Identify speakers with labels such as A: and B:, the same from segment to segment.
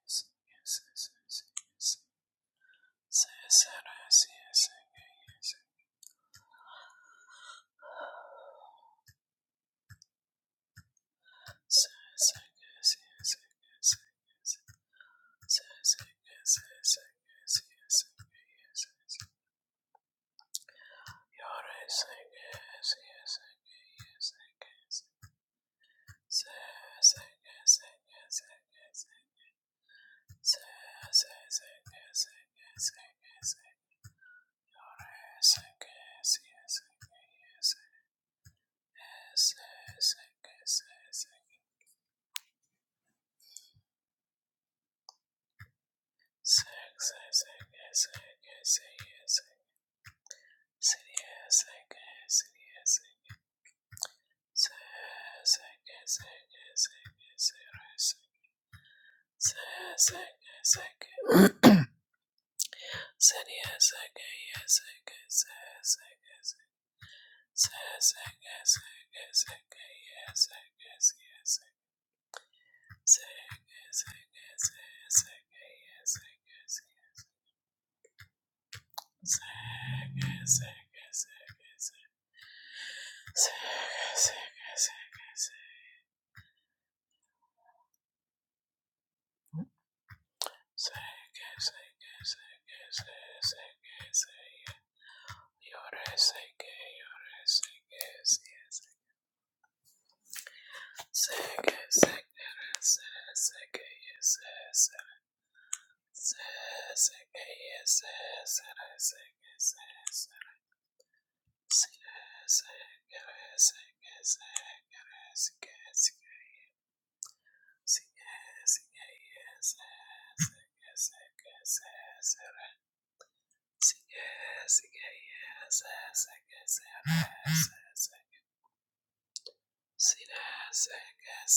A: Yes, Yes, Yes, yes, sira sata, sira sata, rasa, sa, sara,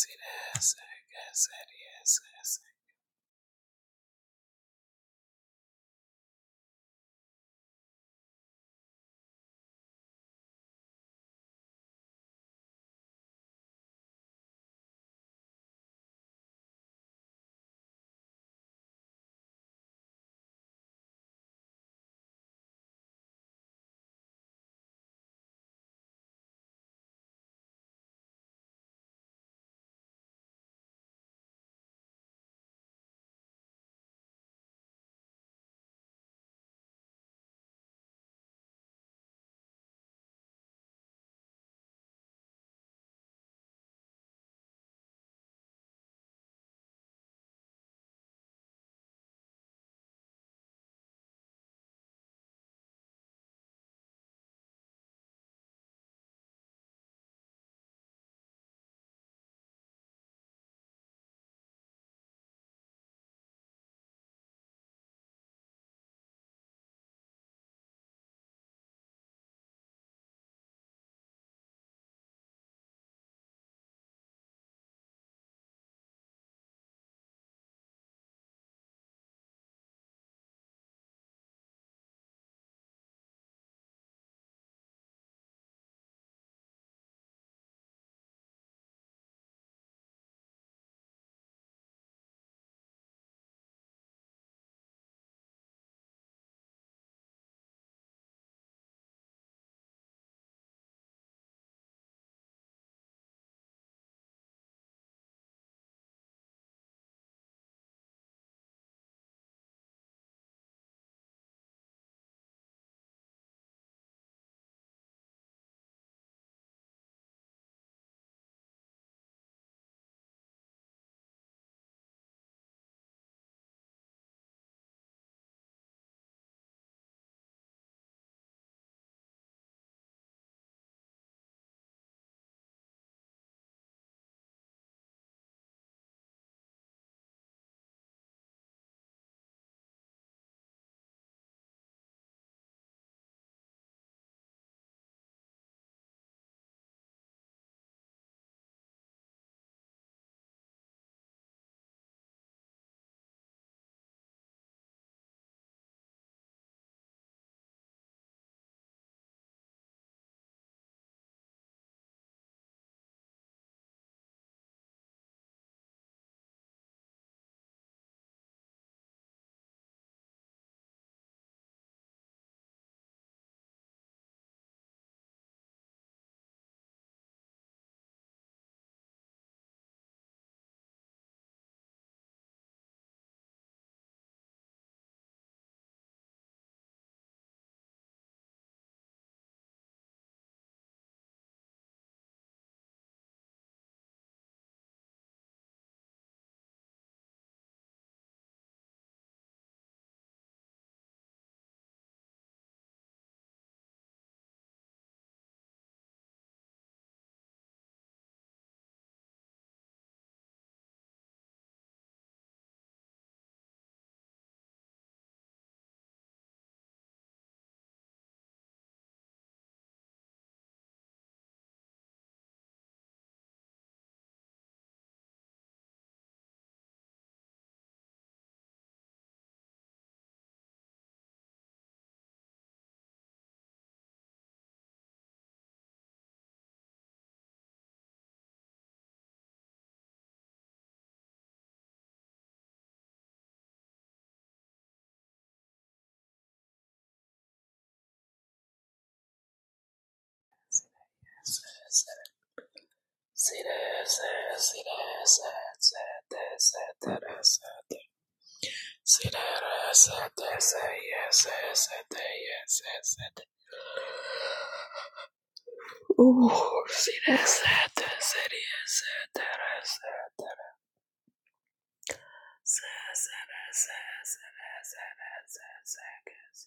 A: sa, sara, sara, sa, sa,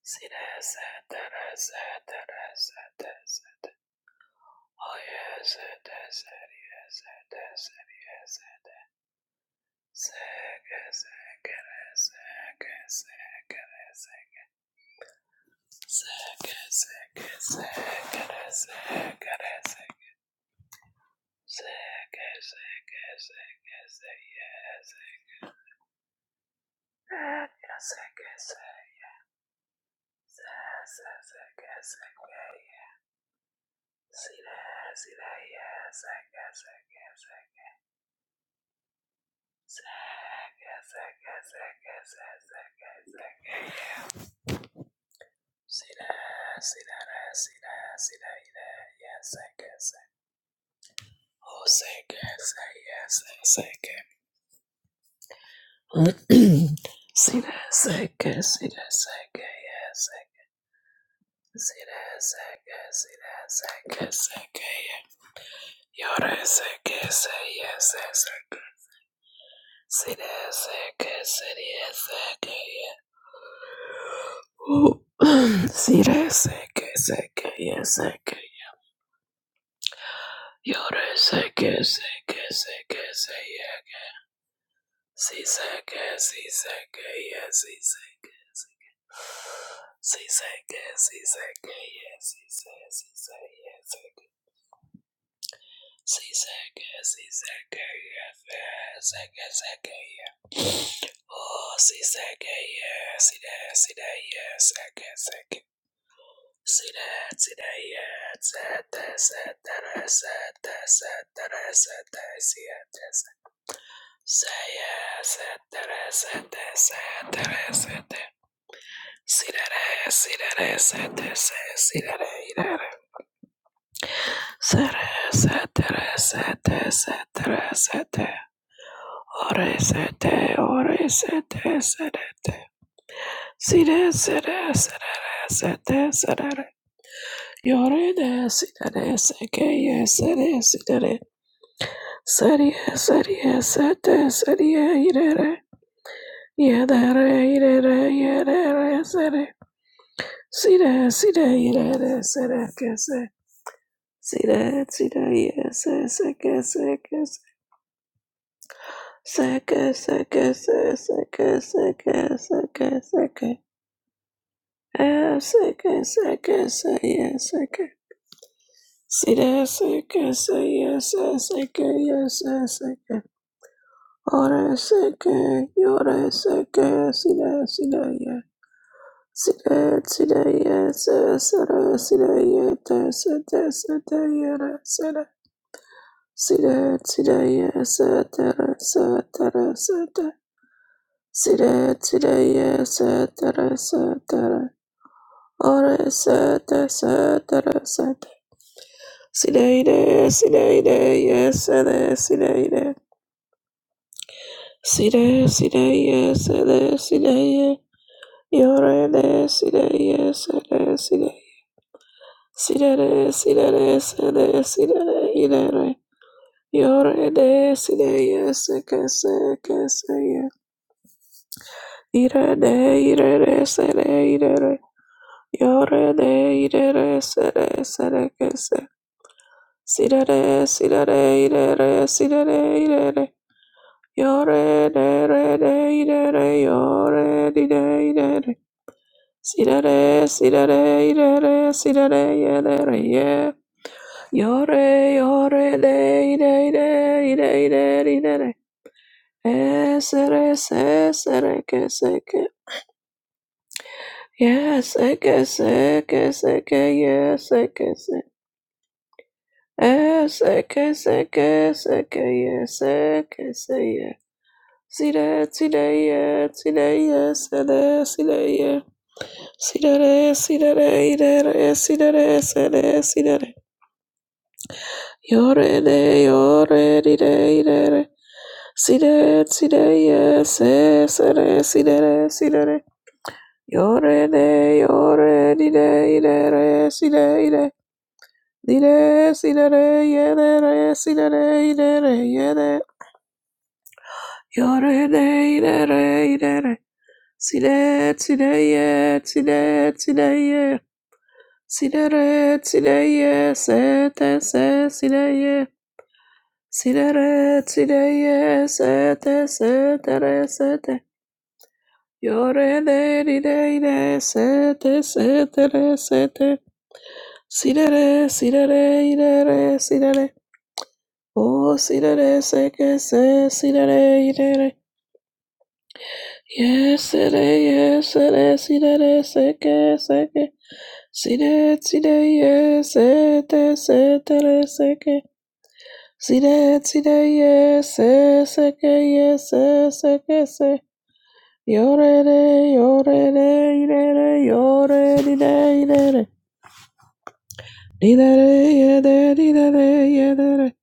A: Yes, Yes, City, sick, city, sick, yeah. City, sick, sick, yeah, sick. You're sick, sick, sick, sick, yeah. See, sick, see, sick, yeah, see, sick, sick. See, sick, see, sick, yeah, see, sick, see, sick, yeah, sick. Siseke, siseke, yefe, seke, seke, ye. Oh, siseke, ye, side, side, ye, seke, seke. Side, side, ye, sete, setere, sete, setere, sete, siete, se. Seye, setere, sete, setere, sete. Sidere, sidere, sete, se, sidere, idere. Sere, setere, sete, setere, sete. Ore sete, ore sete, serete. Sire, sere, serere, sete, serere. Yore de, sire, sekeye, sere, sire, Serie, serie, sete, serie, irere. Yedere, irere, yedere, sere. Sire, sire, irere, sere, kese. Sire, sire, yese, seke, seke, seke, seke, seke, seke, seke, seke, seke. Ah, saka, sucker, sucker, yeah, sucker. saka that sucker, say yes, sucker, saka sucker. Ora sucker, yora sucker, see that, see that, yeah. See sa see that, yes, sara, see that, yeah, tessa, ya tayara, sara. See that, see that, sa tara, satara, sata. See that, see that, sa tara, satara. Ora sata, Sire, sire, yes, sida, sire. sida, sire, yes, sida, sire. Yorene, sire, yes, sire, sire. Sire, sire, sire, sire, ire. Yorene, sire, yes, kese, kese, ye. Irene, irene, sire, irene. Yorene, irene, sire, sire, kese. Sire, sire, irene, sire, Yore de re de ide re yore di de ide re si de re si de re ide re si de re ye de re ye yore yore de ide ide ide ide ide re es re se se re que se que yes se que se que se que yes se que se es se que se que se que yes se que se ye si de si de ye si de ye se de si de ye Sidere, sidere, idere, sidere, sede, sidere. Yore de, yore, dide, idere. Side, side, yes, sere, sidere, sidere. Yore de, yore, dide, idere, side, ide. Dide, sidere, yedere, sidere, idere, yede. Yore de, idere, idere. Side, side, ye, side, side, ye. Sidere, sideye, sete, se, sideye. Sidere, sideye, sete, setere, sete. Yore, de, di, de, de, sete, setere, sete. Sidere, sidere, idere, sidere. O, sidere, seke, se, sidere, idere. Yes, sere, yes, sere, sidere, seke, seke. Sidere, sideye, sete, setere, seke. Sire, sire, yes, seke, yes, seke, se. ke ye se se ke se Yore, re, yore, re, ire, re, yore, dire, ire, re. Dire, re, yede, dire, re, yede, re.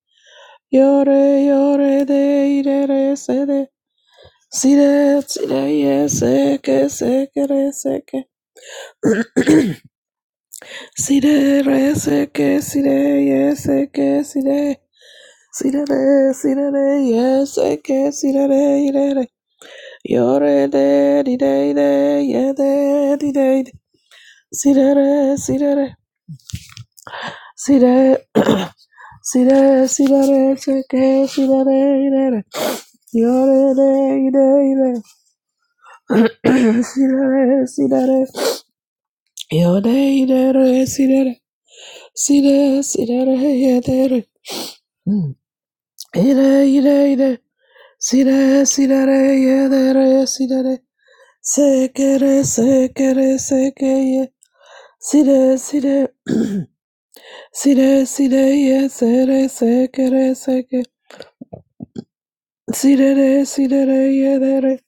A: Yore, yore, de, ire, re, se, de. Sire, sire, yes, seke, seke, re, seke. Sire, re, seke, sire, yes, seke, sire. Sire, re, sire, re, yes, seke, sire, re, ire, re. Yore de di de de ye de di de de. Sidere sidere sidere sidere sidere cheke sidere idere. Yore de de de de. sidere sidere. Yode idere sidere sidere sidere ye de re. Mm. Ide ide ide. Sire, sirere, yedere, sirere, sekere, sekere, sekeye, sire, sire, Si re si re ye se re se ke re se ke si re re si re re ye de re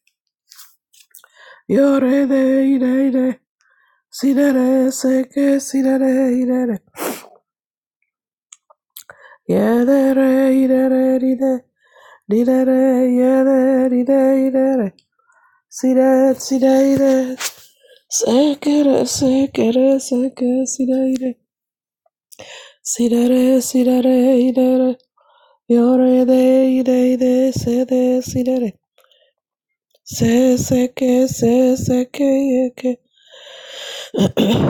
A: yo re de i re i re si re re se ke si re re i re re ye de re i re re ri de ri de re ye de ri de i re re si re si re i re se ke re se ke re se ke si re i re si re re si re re i re re yo re de i re i re se de si re re Se se que se se que ye que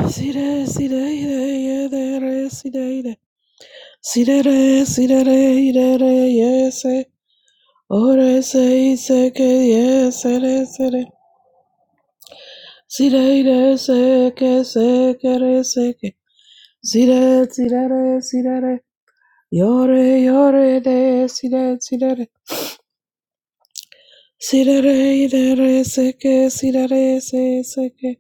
A: sire sire si ire ye de re sire re ire si re re si re ire re ye se ore se i se que ye se re se re sire ire se que se que re se que si re si re sire si re re yo de si re si re re si re ire re se que si re se se que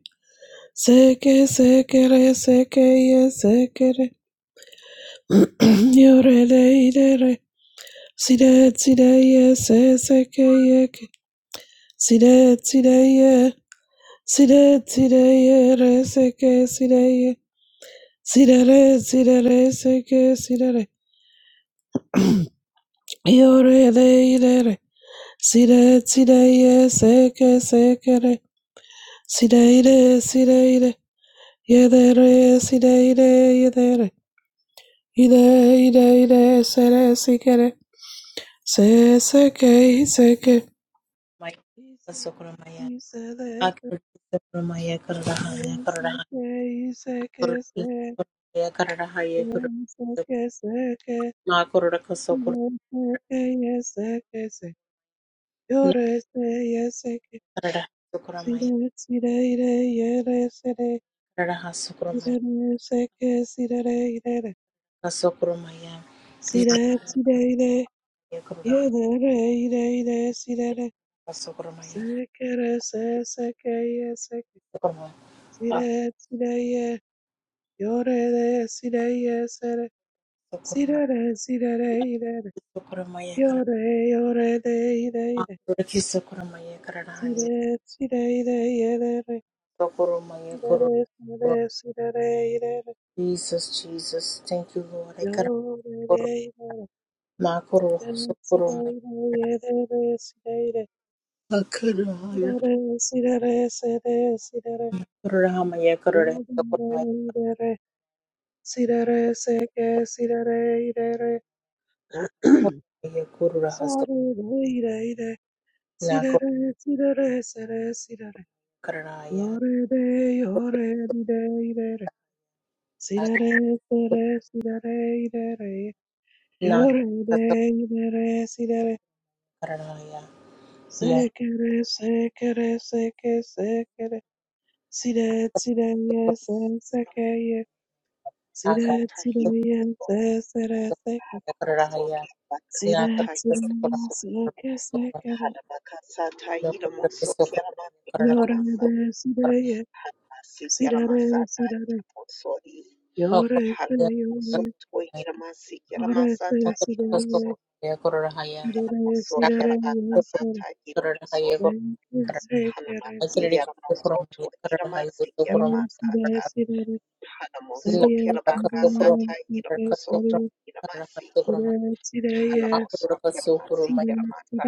A: Seke sekere seke ye sekere yore de idere side side ye se seke ye ke side side ye side side ye re seke side ye side re side re seke side re yore de idere side side ye seke sekere side ide side ide ye de re side ide ye de re ide ide ide sere sikere Seseke, seke.
B: Maya
A: Isere,
B: Sokuramaya
A: isere,
B: Akira Sokuramaya Karadahaya
A: se,
B: Karadaha
A: seke, iseke, se,
B: Sokuramaya Karadahaya Kurus,
A: seke, seke,
B: Nakuraka Sokura
A: seke, yeseke, se, yore, se, yeseke,
B: Nakarada Sokuramaya
A: sire, sire, ire, yere, sere,
B: Karadaha Sokuramaya
A: isere, seke, sirere, irere,
B: Sokuramaya Nakuraya
A: sire, sire, ire,
B: Karadahaya
A: yedere, ire, ire, sirere,
B: Sokuramaya
A: sekere, se, seke, yeseke,
B: Sokuramaya
A: sire, sire, Yore, de sire, yesere,
B: Sokuramaya
A: sire, de sire, ire,
B: Sokuramaya
A: yore, yore, de, ire, ire,
B: Karadahaya Sokuramaya Karadahaya
A: sire, sire, ire, yere,
B: Sokuramaya
A: ire,
B: Karadahaya
A: sire, sire, ire,
B: Jesus, Jesus, thank you,
A: yore,
B: Lord.
A: de, ire,
B: Makuru
A: sire,
B: sukuru
A: sire, ire, yere, sire,
B: makuraya
A: ire, sire, sire, sire, re se de sire, re,
B: kuraya kuraya sukuru
A: yore, ire, sire, seke, sire, ire,
B: kuraya sukuru
A: sorry, ire, ire.
B: nakuru
A: Sirere, sirere, sere, sirere.
B: kuraya
A: Yore de, yore di de, idere. Sirere, sere, sirere, idere. Yore
B: nakuru
A: de,
B: sukuru
A: idere, sirere.
B: mo
A: Sekere, sekere, seke, sekere. Sire, sire, ye, se, seke, ye.
B: akara
A: Sire, sire,
C: Batahid
A: ye, se, sere,
B: sukuru
A: seke.
B: kuraya nakuru
A: Sire, sire,
B: sukuru sukuru nakuru sukuru kuraya kuraya sukuru kuraya kuraya
A: ye,
C: Bakasatahidamso
A: seke,
B: nakuru sukuru
A: sekere.
C: Halabakasatahidamso Keramati
A: Yore
C: Keramasa
A: de, sire, ye.
C: Halmasi
A: Sirere,
C: Keramasata
A: sirere.
C: Mosori
A: Yore de,
C: Halmoso
A: yore.
C: Tohiramasi
A: Ore se
C: Keramasata Hidamoso
A: sirene, dere
C: Keramoso
A: sirere, yunter,
C: Kerabakasata Hidamoso
B: kuraya
A: venke
B: kuraya
A: se kere
C: Hanamasi
A: se
B: Atiriri
A: ke,
C: Yaramoso
B: kusokurum karara hayu
C: Tohiramasi
B: sokurum
A: omu
C: Keramasata
A: sire sirere,
C: Hanamoso
A: serie
B: nakara kasokurum
A: sirere,
C: Kerabakasata
B: karara
A: sike
C: Hidamoso
B: kasokurum
A: serie,
B: karara
C: Tohiramasi
B: kasokurum
A: sire sireye,
C: Halaboso
B: akura kasokurum
C: Kiramatsi
B: mayu
A: sire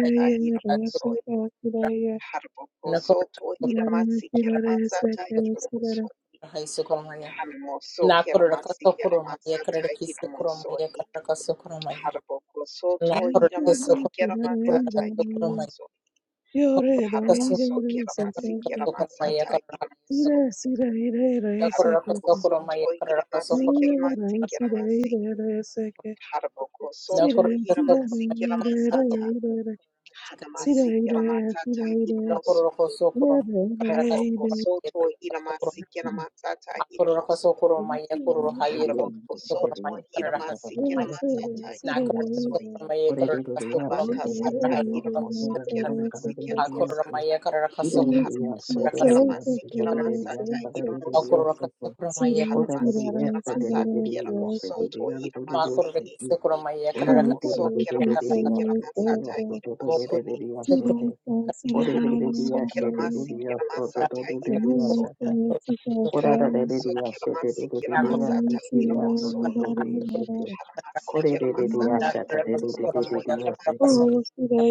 B: hayu
A: re
C: Hiramoso
A: se
B: asokura
A: ke sireye,
C: Harboko
B: nakura
C: to
B: kasokurum
A: sirere
C: Hiramatsi
A: sirere se
C: Kiramatsata
A: ke
C: Hiramoso
A: sirere,
B: hayu sokurum hayu
C: Hanamoso
B: nakura
C: Kiramatsi
B: kasokurum mayu
C: Kiramatsata
B: karara kisokurum
C: Hiramoso
B: mayu karara kasokurum mayu
C: Harboko to
A: en
B: nakura
C: Hiramatsi
A: sirere
B: kasokurum
A: sirere
B: mayu karara
C: Kiramatsata
B: kasokurum
A: irere,
B: mayu nakura kasokurum mayu karara kasokurum mayu
C: Hiramoso
A: yore de
C: Hanamoso
A: irere se ke
C: Kiramatsi
A: se ke,
C: Kiramatsata
B: karara hayu
C: Hiramoso
A: sire
B: sokurum
A: sire irere se
B: Nakoraka
C: Harboko
A: ke
C: to
B: sokoromaya karaka
A: See
C: Hiramatsi
B: sokoromaya
C: Kiramatsi
A: that,
B: karaka
A: see
C: Kiramatsi
A: that,
C: Harboko
B: sokoromaya
A: see
C: to
B: nakoraka
C: Hiramatsi
B: sokoromaya
C: Kiramasata
A: that,
B: karaka
A: see
C: Hanamasiki Ramatata
B: sokoromaya
A: that,
C: Hirmoso
B: nakoraka sokoromaya karaka
C: Haraboko Soto Hiramasiki
B: sokoromaya
C: Ramatata
B: karaka sokoromaya akoraka
C: Hirmoso
B: sokoromaya
D: Yes,
B: korohaya karaka
C: Haraboko Soto
B: sokoromaya karaka
C: Hiramasiki
B: sokoromaya
C: Ramatata
B: nakoraka
C: Hirmoso
B: sokoromaya karaka sokoromaya
C: Harabaka
B: karaka
C: Sata
B: sokoromaya
C: Hirmoso
B: karaka
C: Kiramasiki
B: akoromaya
C: Ramasata
B: karaka sokoromaya
C: Haramoso
B: karaka sokoromaya
C: Kiramasiki
B: karaka
C: Ramasata Hirmoso
B: Akoraka Sokoromaya
C: Hanamasiki Ramasata Kiramoso To
B: Thank
C: Hiramasiki
B: you.
C: Haramoso Kiramasiki Ramasata Hirmoso
A: Oh,
C: Hanamosokeramasikeramasatairamasoi.
D: Ko dada dada dya sheta dada dada dya stike
C: Hanamosokeramasikeramasatairamasoi.
D: dodo dodo dya sheta. Ko dada dada dya sheta dada dada dya
C: Hanamasikeramasatairamasotoi.
D: stike.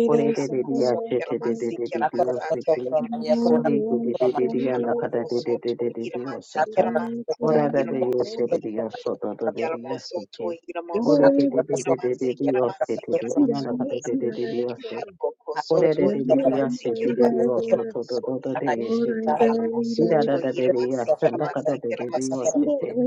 D: Ko dada dada dya sheta dada dada dya stike. Ko
C: Hanamosokeramasikeramasatairamasoi.
D: dada dada dya daka dada dada dada dya sheta. Ko dada dya sheta dya stodo
C: Hanamosotoiramasikeramatairamasoi.
D: dodo dya stike. Ko dada dada dya sheta dada
C: Yaramosotoiramosotoiramasikeramasikeramasikeramasoi.
D: dada dya stike. Ko dada dada dya sheta dada dada dya stodo dodo
C: Hanamokosotoiramasikeramasikeramasikeramasoi.
D: dodo dya sheta. Da da
C: Haramosoto
D: da da da yes,
C: Hiramasi
D: and look at
C: Kiramasi
D: that da da da
C: Kiramasi
D: yes, it.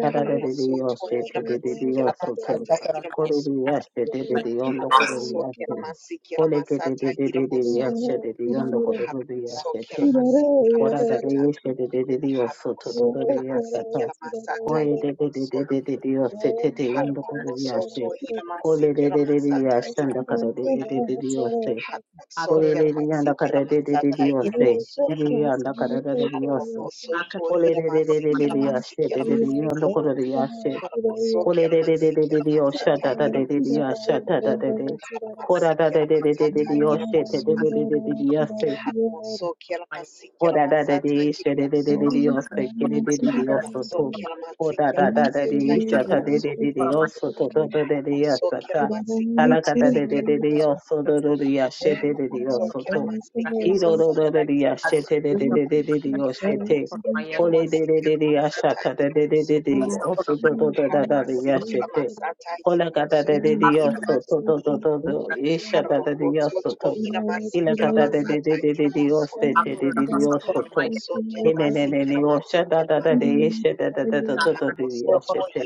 D: Da da da da da
C: Haramosoto
D: yes, it.
A: Thank
D: Da da da
C: Hiramasi
D: da yes, it.
C: Kiramasata
D: Kore da
C: Hiramosui
D: yes, da da da da the kore da
C: Haramoso
D: yes.
C: Kiramasi
D: Kore ke da
C: Kiramasata
D: da da da da yes, da
C: Hiramosui
D: da da the kore da da
C: Haramoso
D: yes,
A: you.
D: it.
C: Kiramasi
D: Kora da da
C: Kiramasata
D: yes, da da da da da yes, it. Da
C: Haramoso
D: da da
C: Kiramasi
D: yes, it.
C: Kiramasata
D: Kore da da da da da da da yes,
C: Hiramosui
D: it. Da da the kore
C: Haramoko
D: da yes.
C: Soto
D: Kore
C: Hiramasi
D: da da da da da
C: Kiramasata
D: yes, and look da da
C: Hiramosui
D: da da da yes.
C: Haramoso
D: Kore da da da
C: Kiramasi
D: da da da da yes. Kore da
C: Kiramasata Hiramosui
D: da da da da yes.
C: Haramoko Soto Hiramasi
D: Kolelelelelelele,
C: Kiramasi
D: yase. You
C: Kiramasi
D: don't know kolelelelelelele, yase.
C: Haramosoki Ramasiki
D: Kolelelelelelelele, oh
C: Ramasata
D: shatta, shatta,
C: Iramosoki
D: yase. Shatta, shatta,
C: Haramasiki Ramasata
D: kolelelelelelelele, oh shete,
C: Iramosoki
D: shete, yase.
C: Haramosoki Ramasiki
D: O da da da
C: Ramasata
D: dee she da da da da
A: Thank
C: Iramosoki
D: dee o se ke da da da dee o so to.
C: Haramosoki
D: O da
C: Ramasiki
D: da da da
C: Ramasata
D: dee sha ta da da
C: Iramosoki
D: da dee o so to to to da dee ya sa
C: Haramosoki
D: ta.
C: Ramasiki
D: Ta la ka da da
C: Ramasiki
D: da da dee o
C: Ramosoki
D: so do do dee ya she da da dee o so
C: Haramosoki
D: to.
C: Ramasiki
D: Ki do do do
C: Ramasata
D: do dee ya she
C: Iramosoki
D: te da da da da da dee o she te.
B: Akar
D: O le da da da dee ya sha ta da da da da dee o so to to to da da dee ya she te. O la ka da da da dee o so to to to to to. Ye sha ta da dee ya so to. Ilakata de de de de de Dios de oste te de de dios soto. Ene ne ne ne osha da da da de eshe da da da da da da de yashe te.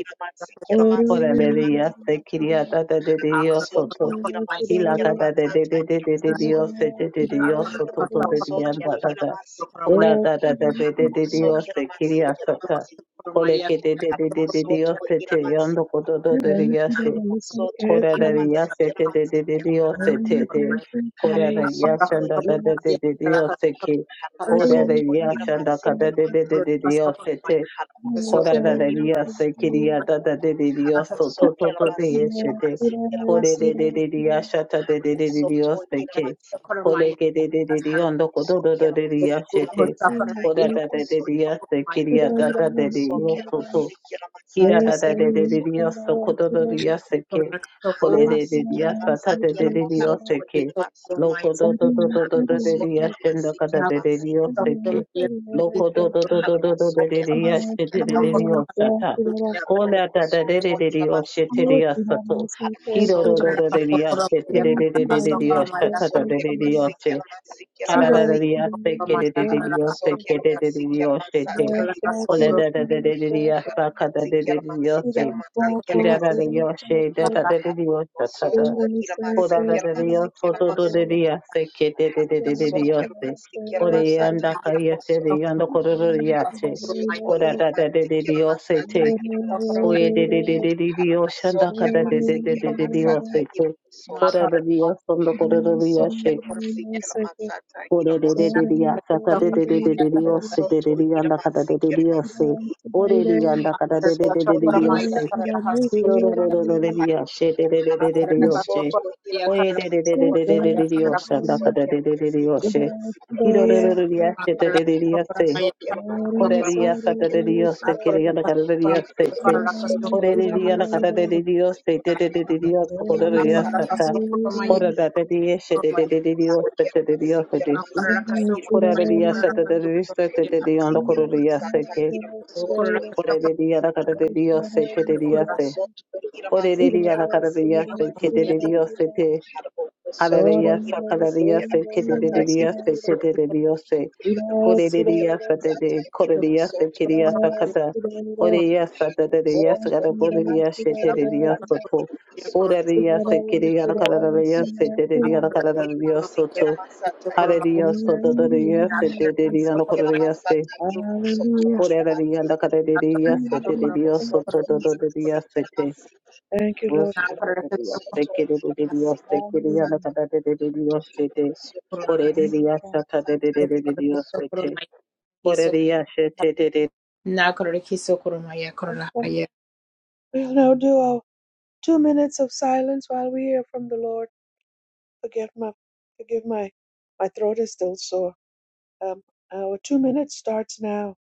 D: Ora de de yaste kiriya da da de de Dios soto.
A: you.
D: Ilakata de de de de de de
B: Thank
D: Dios de oste te de de Dios soto to de de yanda da da. Kola da da da de de de Dios
C: Haramoso
D: de oste
C: kiramasi
D: kiriya sata.
C: kiramasi.
D: Kole ke de de de de de
C: Haramoso to
D: dios te te
C: iramasi.
D: yando koto do de de yashe.
C: Haramoso to
D: Correria
C: iramasi
D: sete de
C: kiramasi
D: de de dio
C: kiramasi.
D: sete de
C: Haramoso
D: Correria
C: to
D: shanda da de de
C: iramasi.
D: de dio seke
C: Haramoso to
D: Correria shanda
C: iramasi
D: kada de de
C: kiramasi.
D: de de dio sete
C: Haramoso
B: you.
C: to
D: Correria
C: iramasi.
D: sekiria da da de de dio
C: Haramoso
D: soto to to de
C: kiramasi
D: yeshete
C: kiramasi
D: Corre
C: kiramasi.
D: de de de dio shata de de de de dio
C: Soto
D: seke
C: iramasi.
D: Correge de de de dio ndo
C: Haramoso
D: kodo do do de
C: kiramasi
D: dio shete
C: kiramasata
D: Corre da de de
C: iramoso i.
D: dio sekiria da da de
C: Haramoso
D: dio soto
C: kiramasi
D: Kira
C: kiramasata
D: da
A: Yes, I
D: da de de de
A: am.
C: iramoso.
D: Dios, socodo de Dios, que ole de de Dios,
C: Harabasikirabatsa
D: sata de de de
C: kiramaso
D: Dios, que
C: toriramasi.
D: loco do do do do do do de
C: Harabaso
D: Dios,
A: Oh,
D: shendo
C: kiramasi
D: cada de de
C: kiramasi.
D: Dios,
A: Thank
D: que
A: you.
D: loco do do do do do do
C: Harabaso
D: de de Dios,
C: kiramasi
D: de de de de
C: kiramasi.
D: Dios, sata. Cola da da
C: Harabaso
D: de de
B: Akor
D: de Dios,
C: toriramasi.
D: shete Dios, sato.
C: Harabaso
D: Kiro do do do de Dios,
C: toriramasi.
D: shete de de de de de Dios, sata
C: So
D: da de de Dios,
C: kiramasi
D: she.
C: kiramasi
D: Ala da de
C: kiramasi.
D: Dios, que de de de Dios,
C: Harabaso
D: que de de de
C: kiramasi
D: Dios,
C: kiramasa
D: shete. Ole
C: tairamaso.
D: da da da da da da ya sa ka da
C: Harabasi
D: da da da
C: kiramasi
D: yo se
C: kiramasi
D: ki da da da
C: kiramasi.
D: she da da da da da yo sa
C: Harabaso
D: ta da o
C: toriramasi
D: da da da da
C: kiramasi
D: yo so do do da
C: kiramaso.
D: da ya se ke da da da da da da yo
C: Sokir
D: se
C: masikir
D: o re ya
C: masata
D: nda ka ya se re
C: irmosoi.
D: ya nda ko do do ya
B: Akara
D: se
C: Sotwa
D: ko da da da da da da
C: irmasikir
D: yo se
C: masata
D: te o
C: irmosoi.
D: ye da da da da da da yo sha
A: Thank
D: nda
A: you.
D: ka
C: Sokir
D: da da da da
C: masikir
D: da da da yo
C: masata
D: se te o
C: irmosoi.
D: da da da yo so nda ko do do ya
C: Sokir masikir masata
D: おれれれれりやさたでででででりよせででりやんだかたででりよせ。おれりやんだかたででででりよせ。きろろろろろれりやしでででででりよせ。おえでででででででりよしゃんだかたでででりよせ。きろろろろりやしでででりやせ。おれりやさたでりよせ。きりやんだかたでりやせ。おれりやんだかたでりよせ。でででりよせ。ころりやさた。ころだでりやしでででりよせ。ででりよせ。
C: irmosoi. Sotwa irmasikir masiki. Sotwa irmasikir masikir masiki. Sotwa irmasikir Thank
D: Correlia
C: you.
D: Saturdays Saturday on the
C: Mazingira
D: Correlia
C: masata
D: Seke,
C: ira
B: O
C: masoto
B: corona
C: ira
D: Correlia
C: mazingira
D: la
A: Hallelujah.
D: Carrelia
C: harbo
D: Saturdalia Se,
A: Hallelujah.
C: masoto ira
D: Correlia
C: mazingira
D: la Carrelia
C: mazingira mazingira
D: Seketadio Sete,
C: harbo masoto
D: Hallelujah
C: ira
D: Sakalaria
C: mazingira masata
D: Seketadia
C: ira masoto
D: Setetadio Se,
C: ira mazingira
D: Correlia
C: masata
D: Saturday,
C: ira
D: Correlia
C: masoto
D: Sekeria
C: ira
D: Sakata, Correlia
C: mazingira
D: Saturdalia
C: soto ira
D: Sakatagoria
C: mazingira
D: Setadia
C: masata
D: Soto,
C: ira masoto
D: Correlia Sekeria la
C: harbo
D: Carrelia
C: masoto
D: Setadia la Carrelia Soto, Hallelujah. So da da da yes, it did it. You know, could
C: Sikira
D: yes, it.
C: masata kiro soto
D: Or da
C: kiro
D: da da yeah, da da
C: masiki.
D: yes, it did it.
C: Arabo
D: Yes,
A: Thank
D: so
A: you,
D: da
C: soto
D: da da
C: kiro
A: Jesus.
D: da yes, it
C: sikira
D: did.
C: masiki.
A: Thank you,
D: Yes,
A: Lord
D: so
A: God.
D: da da
C: Arabo
D: da yes, it
C: soto
D: did it.
C: kiro
D: Did yes,
C: masiki
D: it did it. Yeah, da
A: Hallelujah.
C: masata.
D: da da da da yes, it
C: Arabo
D: did.
C: sikira
D: Could it did
A: Thank you,
C: masiki
D: yes, da
A: Father.
D: da da da
C: masata
D: da
C: kiro
D: yes, it did. Could it
A: Thank
D: yes, it did
A: you.
D: it. did.
B: Good
A: Okay. We'll now do our two minutes of silence while we hear from the Lord. Forgive my, forgive my, my throat is still sore. Um, our two minutes starts now.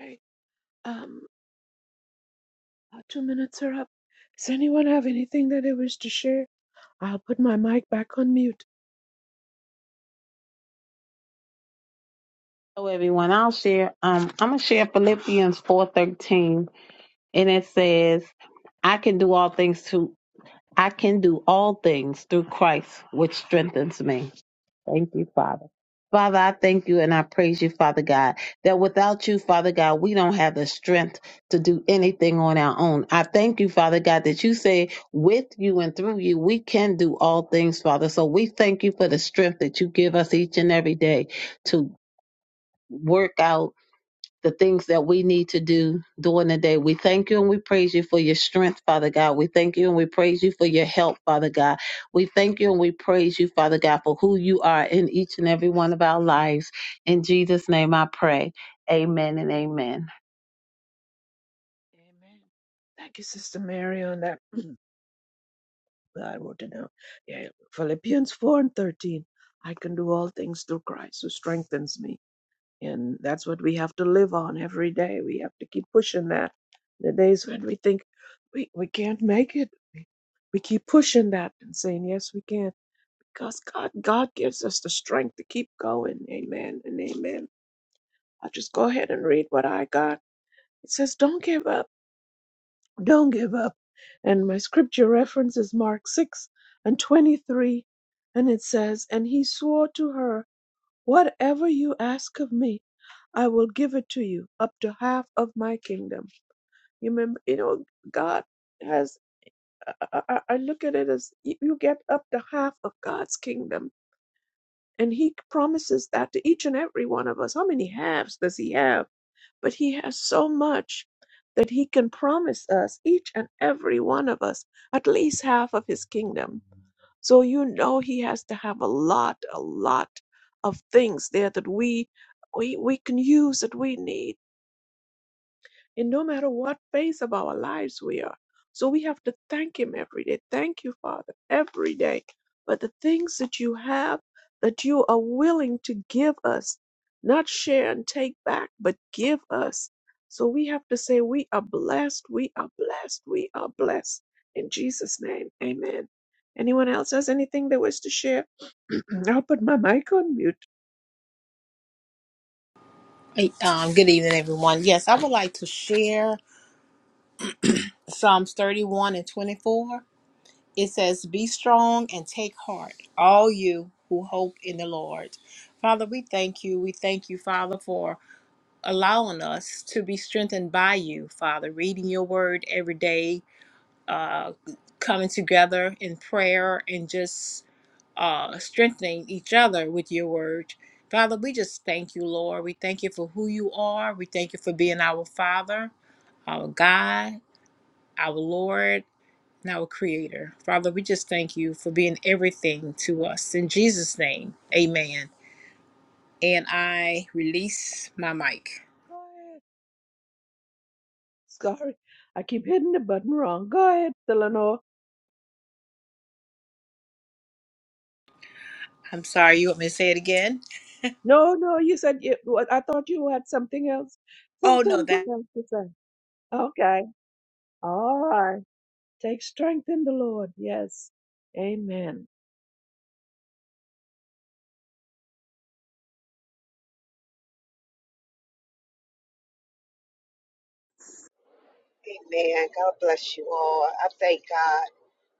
A: Okay. Um, our two minutes are up. Does anyone have anything that they wish to share? I'll put my mic back on mute.
D: So everyone, I'll share. Um, I'm gonna share Philippians four thirteen, and it says, "I can do all things to I can do all things through Christ, which strengthens me." Thank you, Father. Father, I thank you and I praise you, Father God, that without you, Father God, we don't have the strength to do anything on our own. I thank you, Father God, that you say with you and through you, we can do all things, Father. So we thank you for the strength that you give us each and every day to work out the things that we need to do during the day. We thank you and we praise you for your strength, Father God. We thank you and we praise you for your help, Father God. We thank you and we praise you, Father God, for who you are in each and every one of our lives. In Jesus' name I pray. Amen and amen.
A: Amen. Thank you, Sister Mary, on that. I wrote it down. Yeah, Philippians 4 and 13. I can do all things through Christ who strengthens me. And that's what we have to live on every day. We have to keep pushing that. The days when we think we, we can't make it, we, we keep pushing that and saying, Yes, we can. Because God, God gives us the strength to keep going. Amen and amen. I'll just go ahead and read what I got. It says, Don't give up. Don't give up. And my scripture reference is Mark 6 and 23. And it says, And he swore to her, Whatever you ask of me, I will give it to you up to half of my kingdom. You remember, you know, God has, I, I I look at it as y- you get up to half of God's kingdom. And He promises that to each and every one of us. How many halves does He have? But He has so much that He can promise us, each and every one of us, at least half of His kingdom. So you know He has to have a lot, a lot of things there that we. We, we can use that we need in no matter what phase of our lives we are. So we have to thank Him every day. Thank you, Father, every day for the things that you have that you are willing to give us, not share and take back, but give us. So we have to say, We are blessed, we are blessed, we are blessed. In Jesus' name, amen. Anyone else has anything they wish to share? I'll put my mic on mute.
B: evening, everyone. Yes, I would like to share. Psalms 31 and 24, it says, Be strong and take heart, all you who hope in the Lord. Father, we thank you. We thank you, Father, for allowing us to be strengthened by you, Father, reading your word every day, uh, coming together in prayer, and just uh, strengthening each other with your word. Father, we just thank you, Lord. We thank you for who you are. We thank you for being our Father, our God, our Lord and our Creator. Father, we just thank you for being everything to us. In Jesus' name, amen. And I release my mic.
A: Go ahead. Sorry, I keep hitting the button wrong. Go ahead, Eleanor.
B: I'm sorry, you want me to say it again?
A: No, no, you said it was, I thought you had something else. some-
B: Oh, no, that.
A: Something else to say. Okay. All right. Take strength in the Lord. Yes. Amen.
C: Amen. God bless you all. I thank God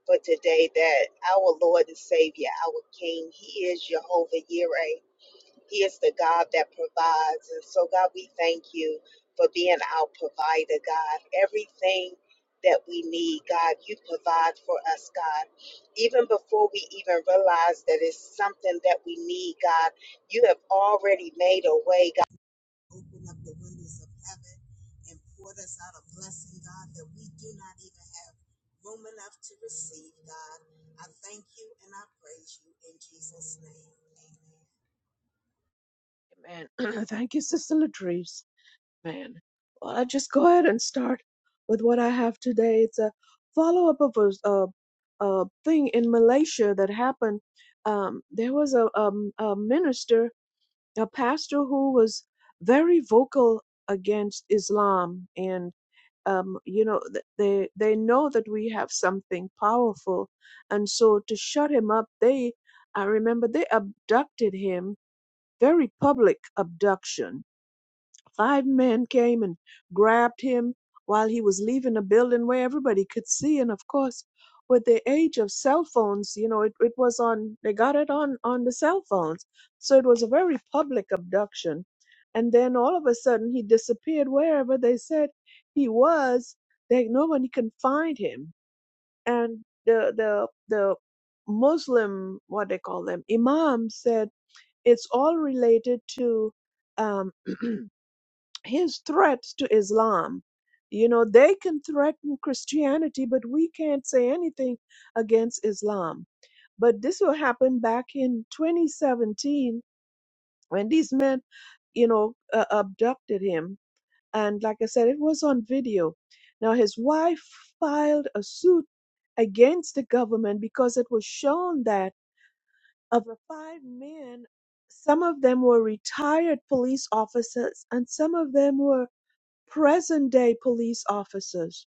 C: for today that our Lord and Savior, our King, He is Jehovah Jireh. He is the God that provides. And so, God, we thank you for being our provider, God. Everything that we need, God, you provide for us, God. Even before we even realize that it's something that we need, God, you have already made a way, God. Open up the windows of heaven and poured us out a blessing, God, that we do not even have room enough to receive, God. I thank you and I praise you in Jesus' name. Amen.
A: Amen. Thank you, Sister Latrice. Man. Well, I'll just go ahead and start with what I have today. It's a follow up of a, s- a, a thing in Malaysia that happened. Um, there was a, um, a minister, a pastor who was very vocal against Islam. um, you know th- they they know that we have something powerful and so to shut him up they i remember they abducted him very public abduction Five men came and grabbed him while he was leaving a building where everybody could see. And of course, with the age of cell phones, you know, it, it was on, they got it on, on the cell phones. So it was a very public abduction. And then all of a sudden he disappeared wherever they said he was. They, nobody can find him. And the, the, the Muslim, what they call them, imam said it's all related to, um, his threats to Islam. You know, they can threaten Christianity, but we can't say anything against Islam. But this will happen back in 2017 when these men, you know, uh, abducted him. And like I said, it was on video. Now, his wife filed a suit against the government because it was shown that of the five men, some of them were retired police officers and some of them were present-day police officers.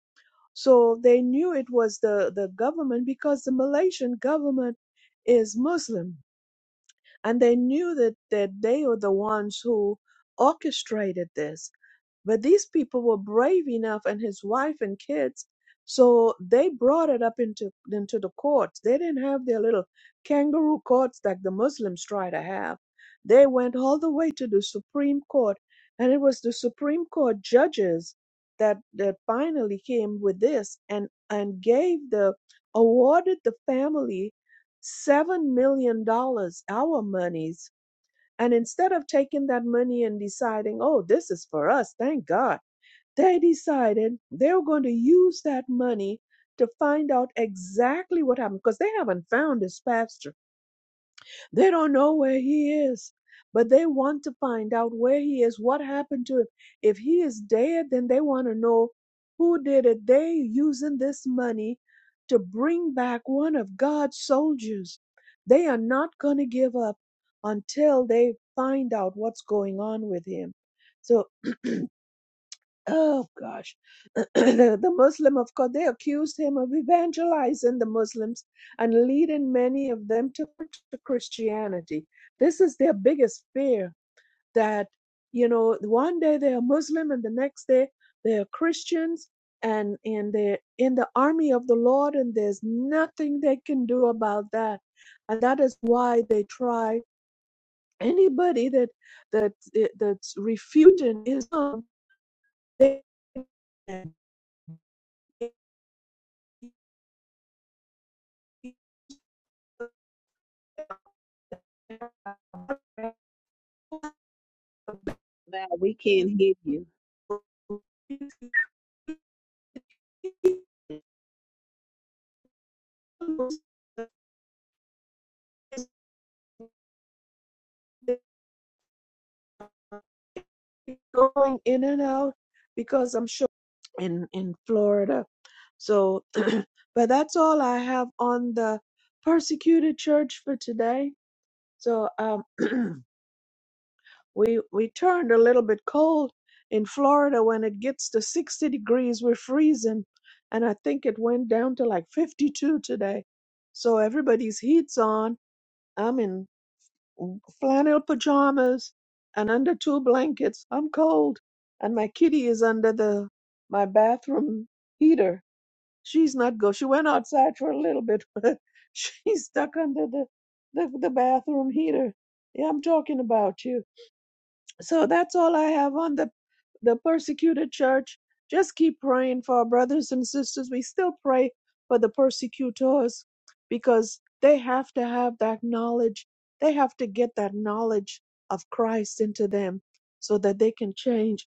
A: So they knew it was the, the government because the Malaysian government is Muslim. And they knew that, that they were the ones who orchestrated this. But these people were brave enough, and his wife and kids, so they brought it up into into the courts. They didn't have their little kangaroo courts like the Muslims try to have. They went all the way to the Supreme Court, and it was the Supreme Court judges that that finally came with this and and gave the awarded the family seven million dollars, our monies and instead of taking that money and deciding, oh, this is for us, thank God, they decided they were going to use that money to find out exactly what happened because they haven't found his pastor they don't know where he is, but they want to find out where he is, what happened to him. If he is dead, then they want to know who did it. They using this money to bring back one of God's soldiers. They are not going to give up until they find out what's going on with him. So oh gosh, the, the Muslim, of course, they accused him of evangelizing the Muslims and leading many of them to, to Christianity. This is their biggest fear that, you know, one day they are Muslim and the next day they are Christians and, and they're in the army of the Lord and there's nothing they can do about that. And that is why they try anybody that that that's refuting Islam. They
D: Now we can't hear you.
A: going in and out because I'm sure in in Florida. So, but that's all I have on the persecuted church for today. So, um, We we turned a little bit cold in Florida when it gets to 60 degrees, we're freezing. And I think it went down to like 52 today. So everybody's heat's on. I'm in flannel pajamas and under two blankets. I'm cold. And my kitty is under the my bathroom heater. She's not go. She went outside for a little bit, but she's stuck under the the, the bathroom heater. Yeah, I'm talking about you. So that's all I have on the, the persecuted church. Just keep praying for our brothers and sisters. We still pray for the persecutors because they have to have that knowledge. They have to get that knowledge of Christ into them so that they can change.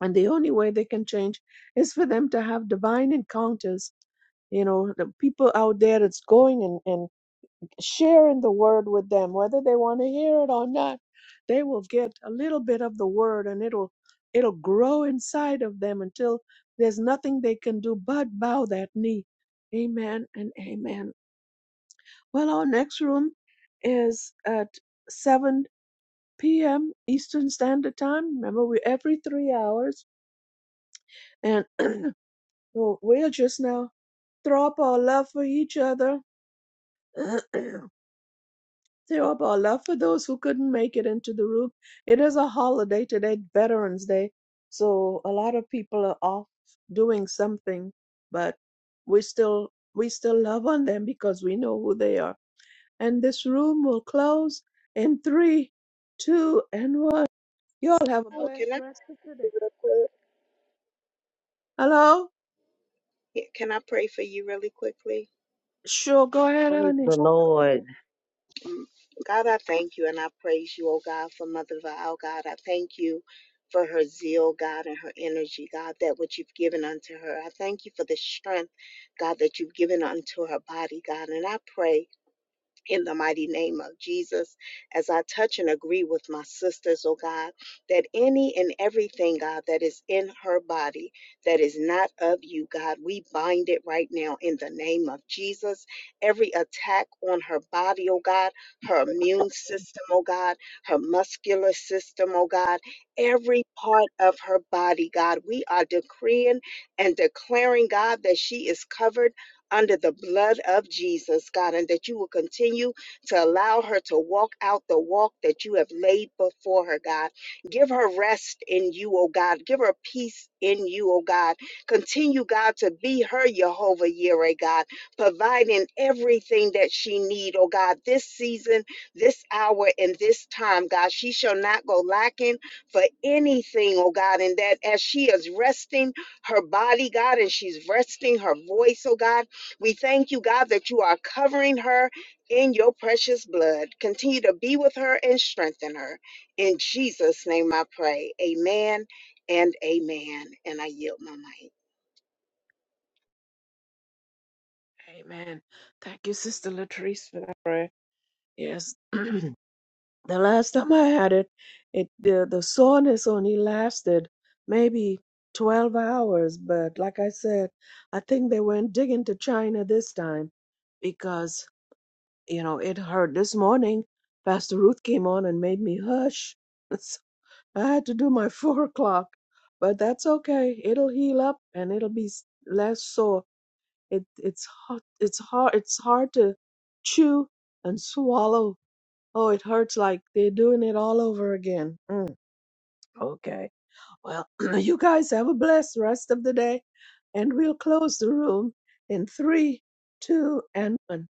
A: And the only way they can change is for them to have divine encounters you know the people out there that's going and, and sharing the word with them, whether they want to hear it or not, they will get a little bit of the word and it'll it'll grow inside of them until there's nothing they can do but bow that knee. Amen and amen. Well, our next room is at 7 p.m. Eastern Standard Time. Remember, we're every three hours, and we'll just now throw up our love for each other Show up our love for those who couldn't make it into the room. It is a holiday today, Veterans Day. So a lot of people are off doing something, but we still we still love on them because we know who they are. And this room will close in three, two, and one. Y'all have a
C: Well, can
A: blessed
C: I
A: rest of the day. Hello?
C: Yeah, Can I pray for you really quickly?
A: Sure, go ahead,
D: Praise
A: honey.
D: the Lord.
C: Mm. God, I thank you and I praise you, oh God, for Mother Val, God. I thank you for her zeal, God, and her energy, God, that what you've given unto her. I thank you for the strength, God, that you've given unto her body, God. And I pray. in the mighty name of Jesus. As I touch and agree with my sisters, oh God, that any and everything, God, that is in her body that is not of you, God, we bind it right now in the name of Jesus. Every attack on her body, oh God, her immune system, oh God, her muscular system, oh God, every part of her body, God, we are decreeing and declaring, God, that she is covered under the blood of Jesus, God, and that you will continue to allow her to walk out the walk that you have laid before her, God. Give her rest in you, oh God. Give her peace in you, oh God. Continue, God, to be her Jehovah Yireh, God, providing everything that she need, oh God, this season, this hour, and this time, God. She shall not go lacking for anything, oh God, and that as she is resting her body, God, and she's resting her voice, oh God. We thank you, God, that you are covering her in your precious blood. Continue to be with her and strengthen her. In Jesus' name I pray. Amen and amen. And I yield my mic.
A: Amen. Thank you, Sister Latrice, for that prayer. Yes. the last time I had it, it the, the soreness only lasted maybe 12 hours. But like I said, I think they went digging to China this time because you know, it hurt. This morning, Pastor Ruth came on and made me hush. So I had to do my four o'clock, but that's okay. It'll heal up and it'll be s- less sore. It it's hard. It's hard. It's hard to chew and swallow. Oh, it hurts like they're doing it all over again. Mm, okay. Well, you guys have a blessed rest of the day, and we'll close the room in three, two, and one.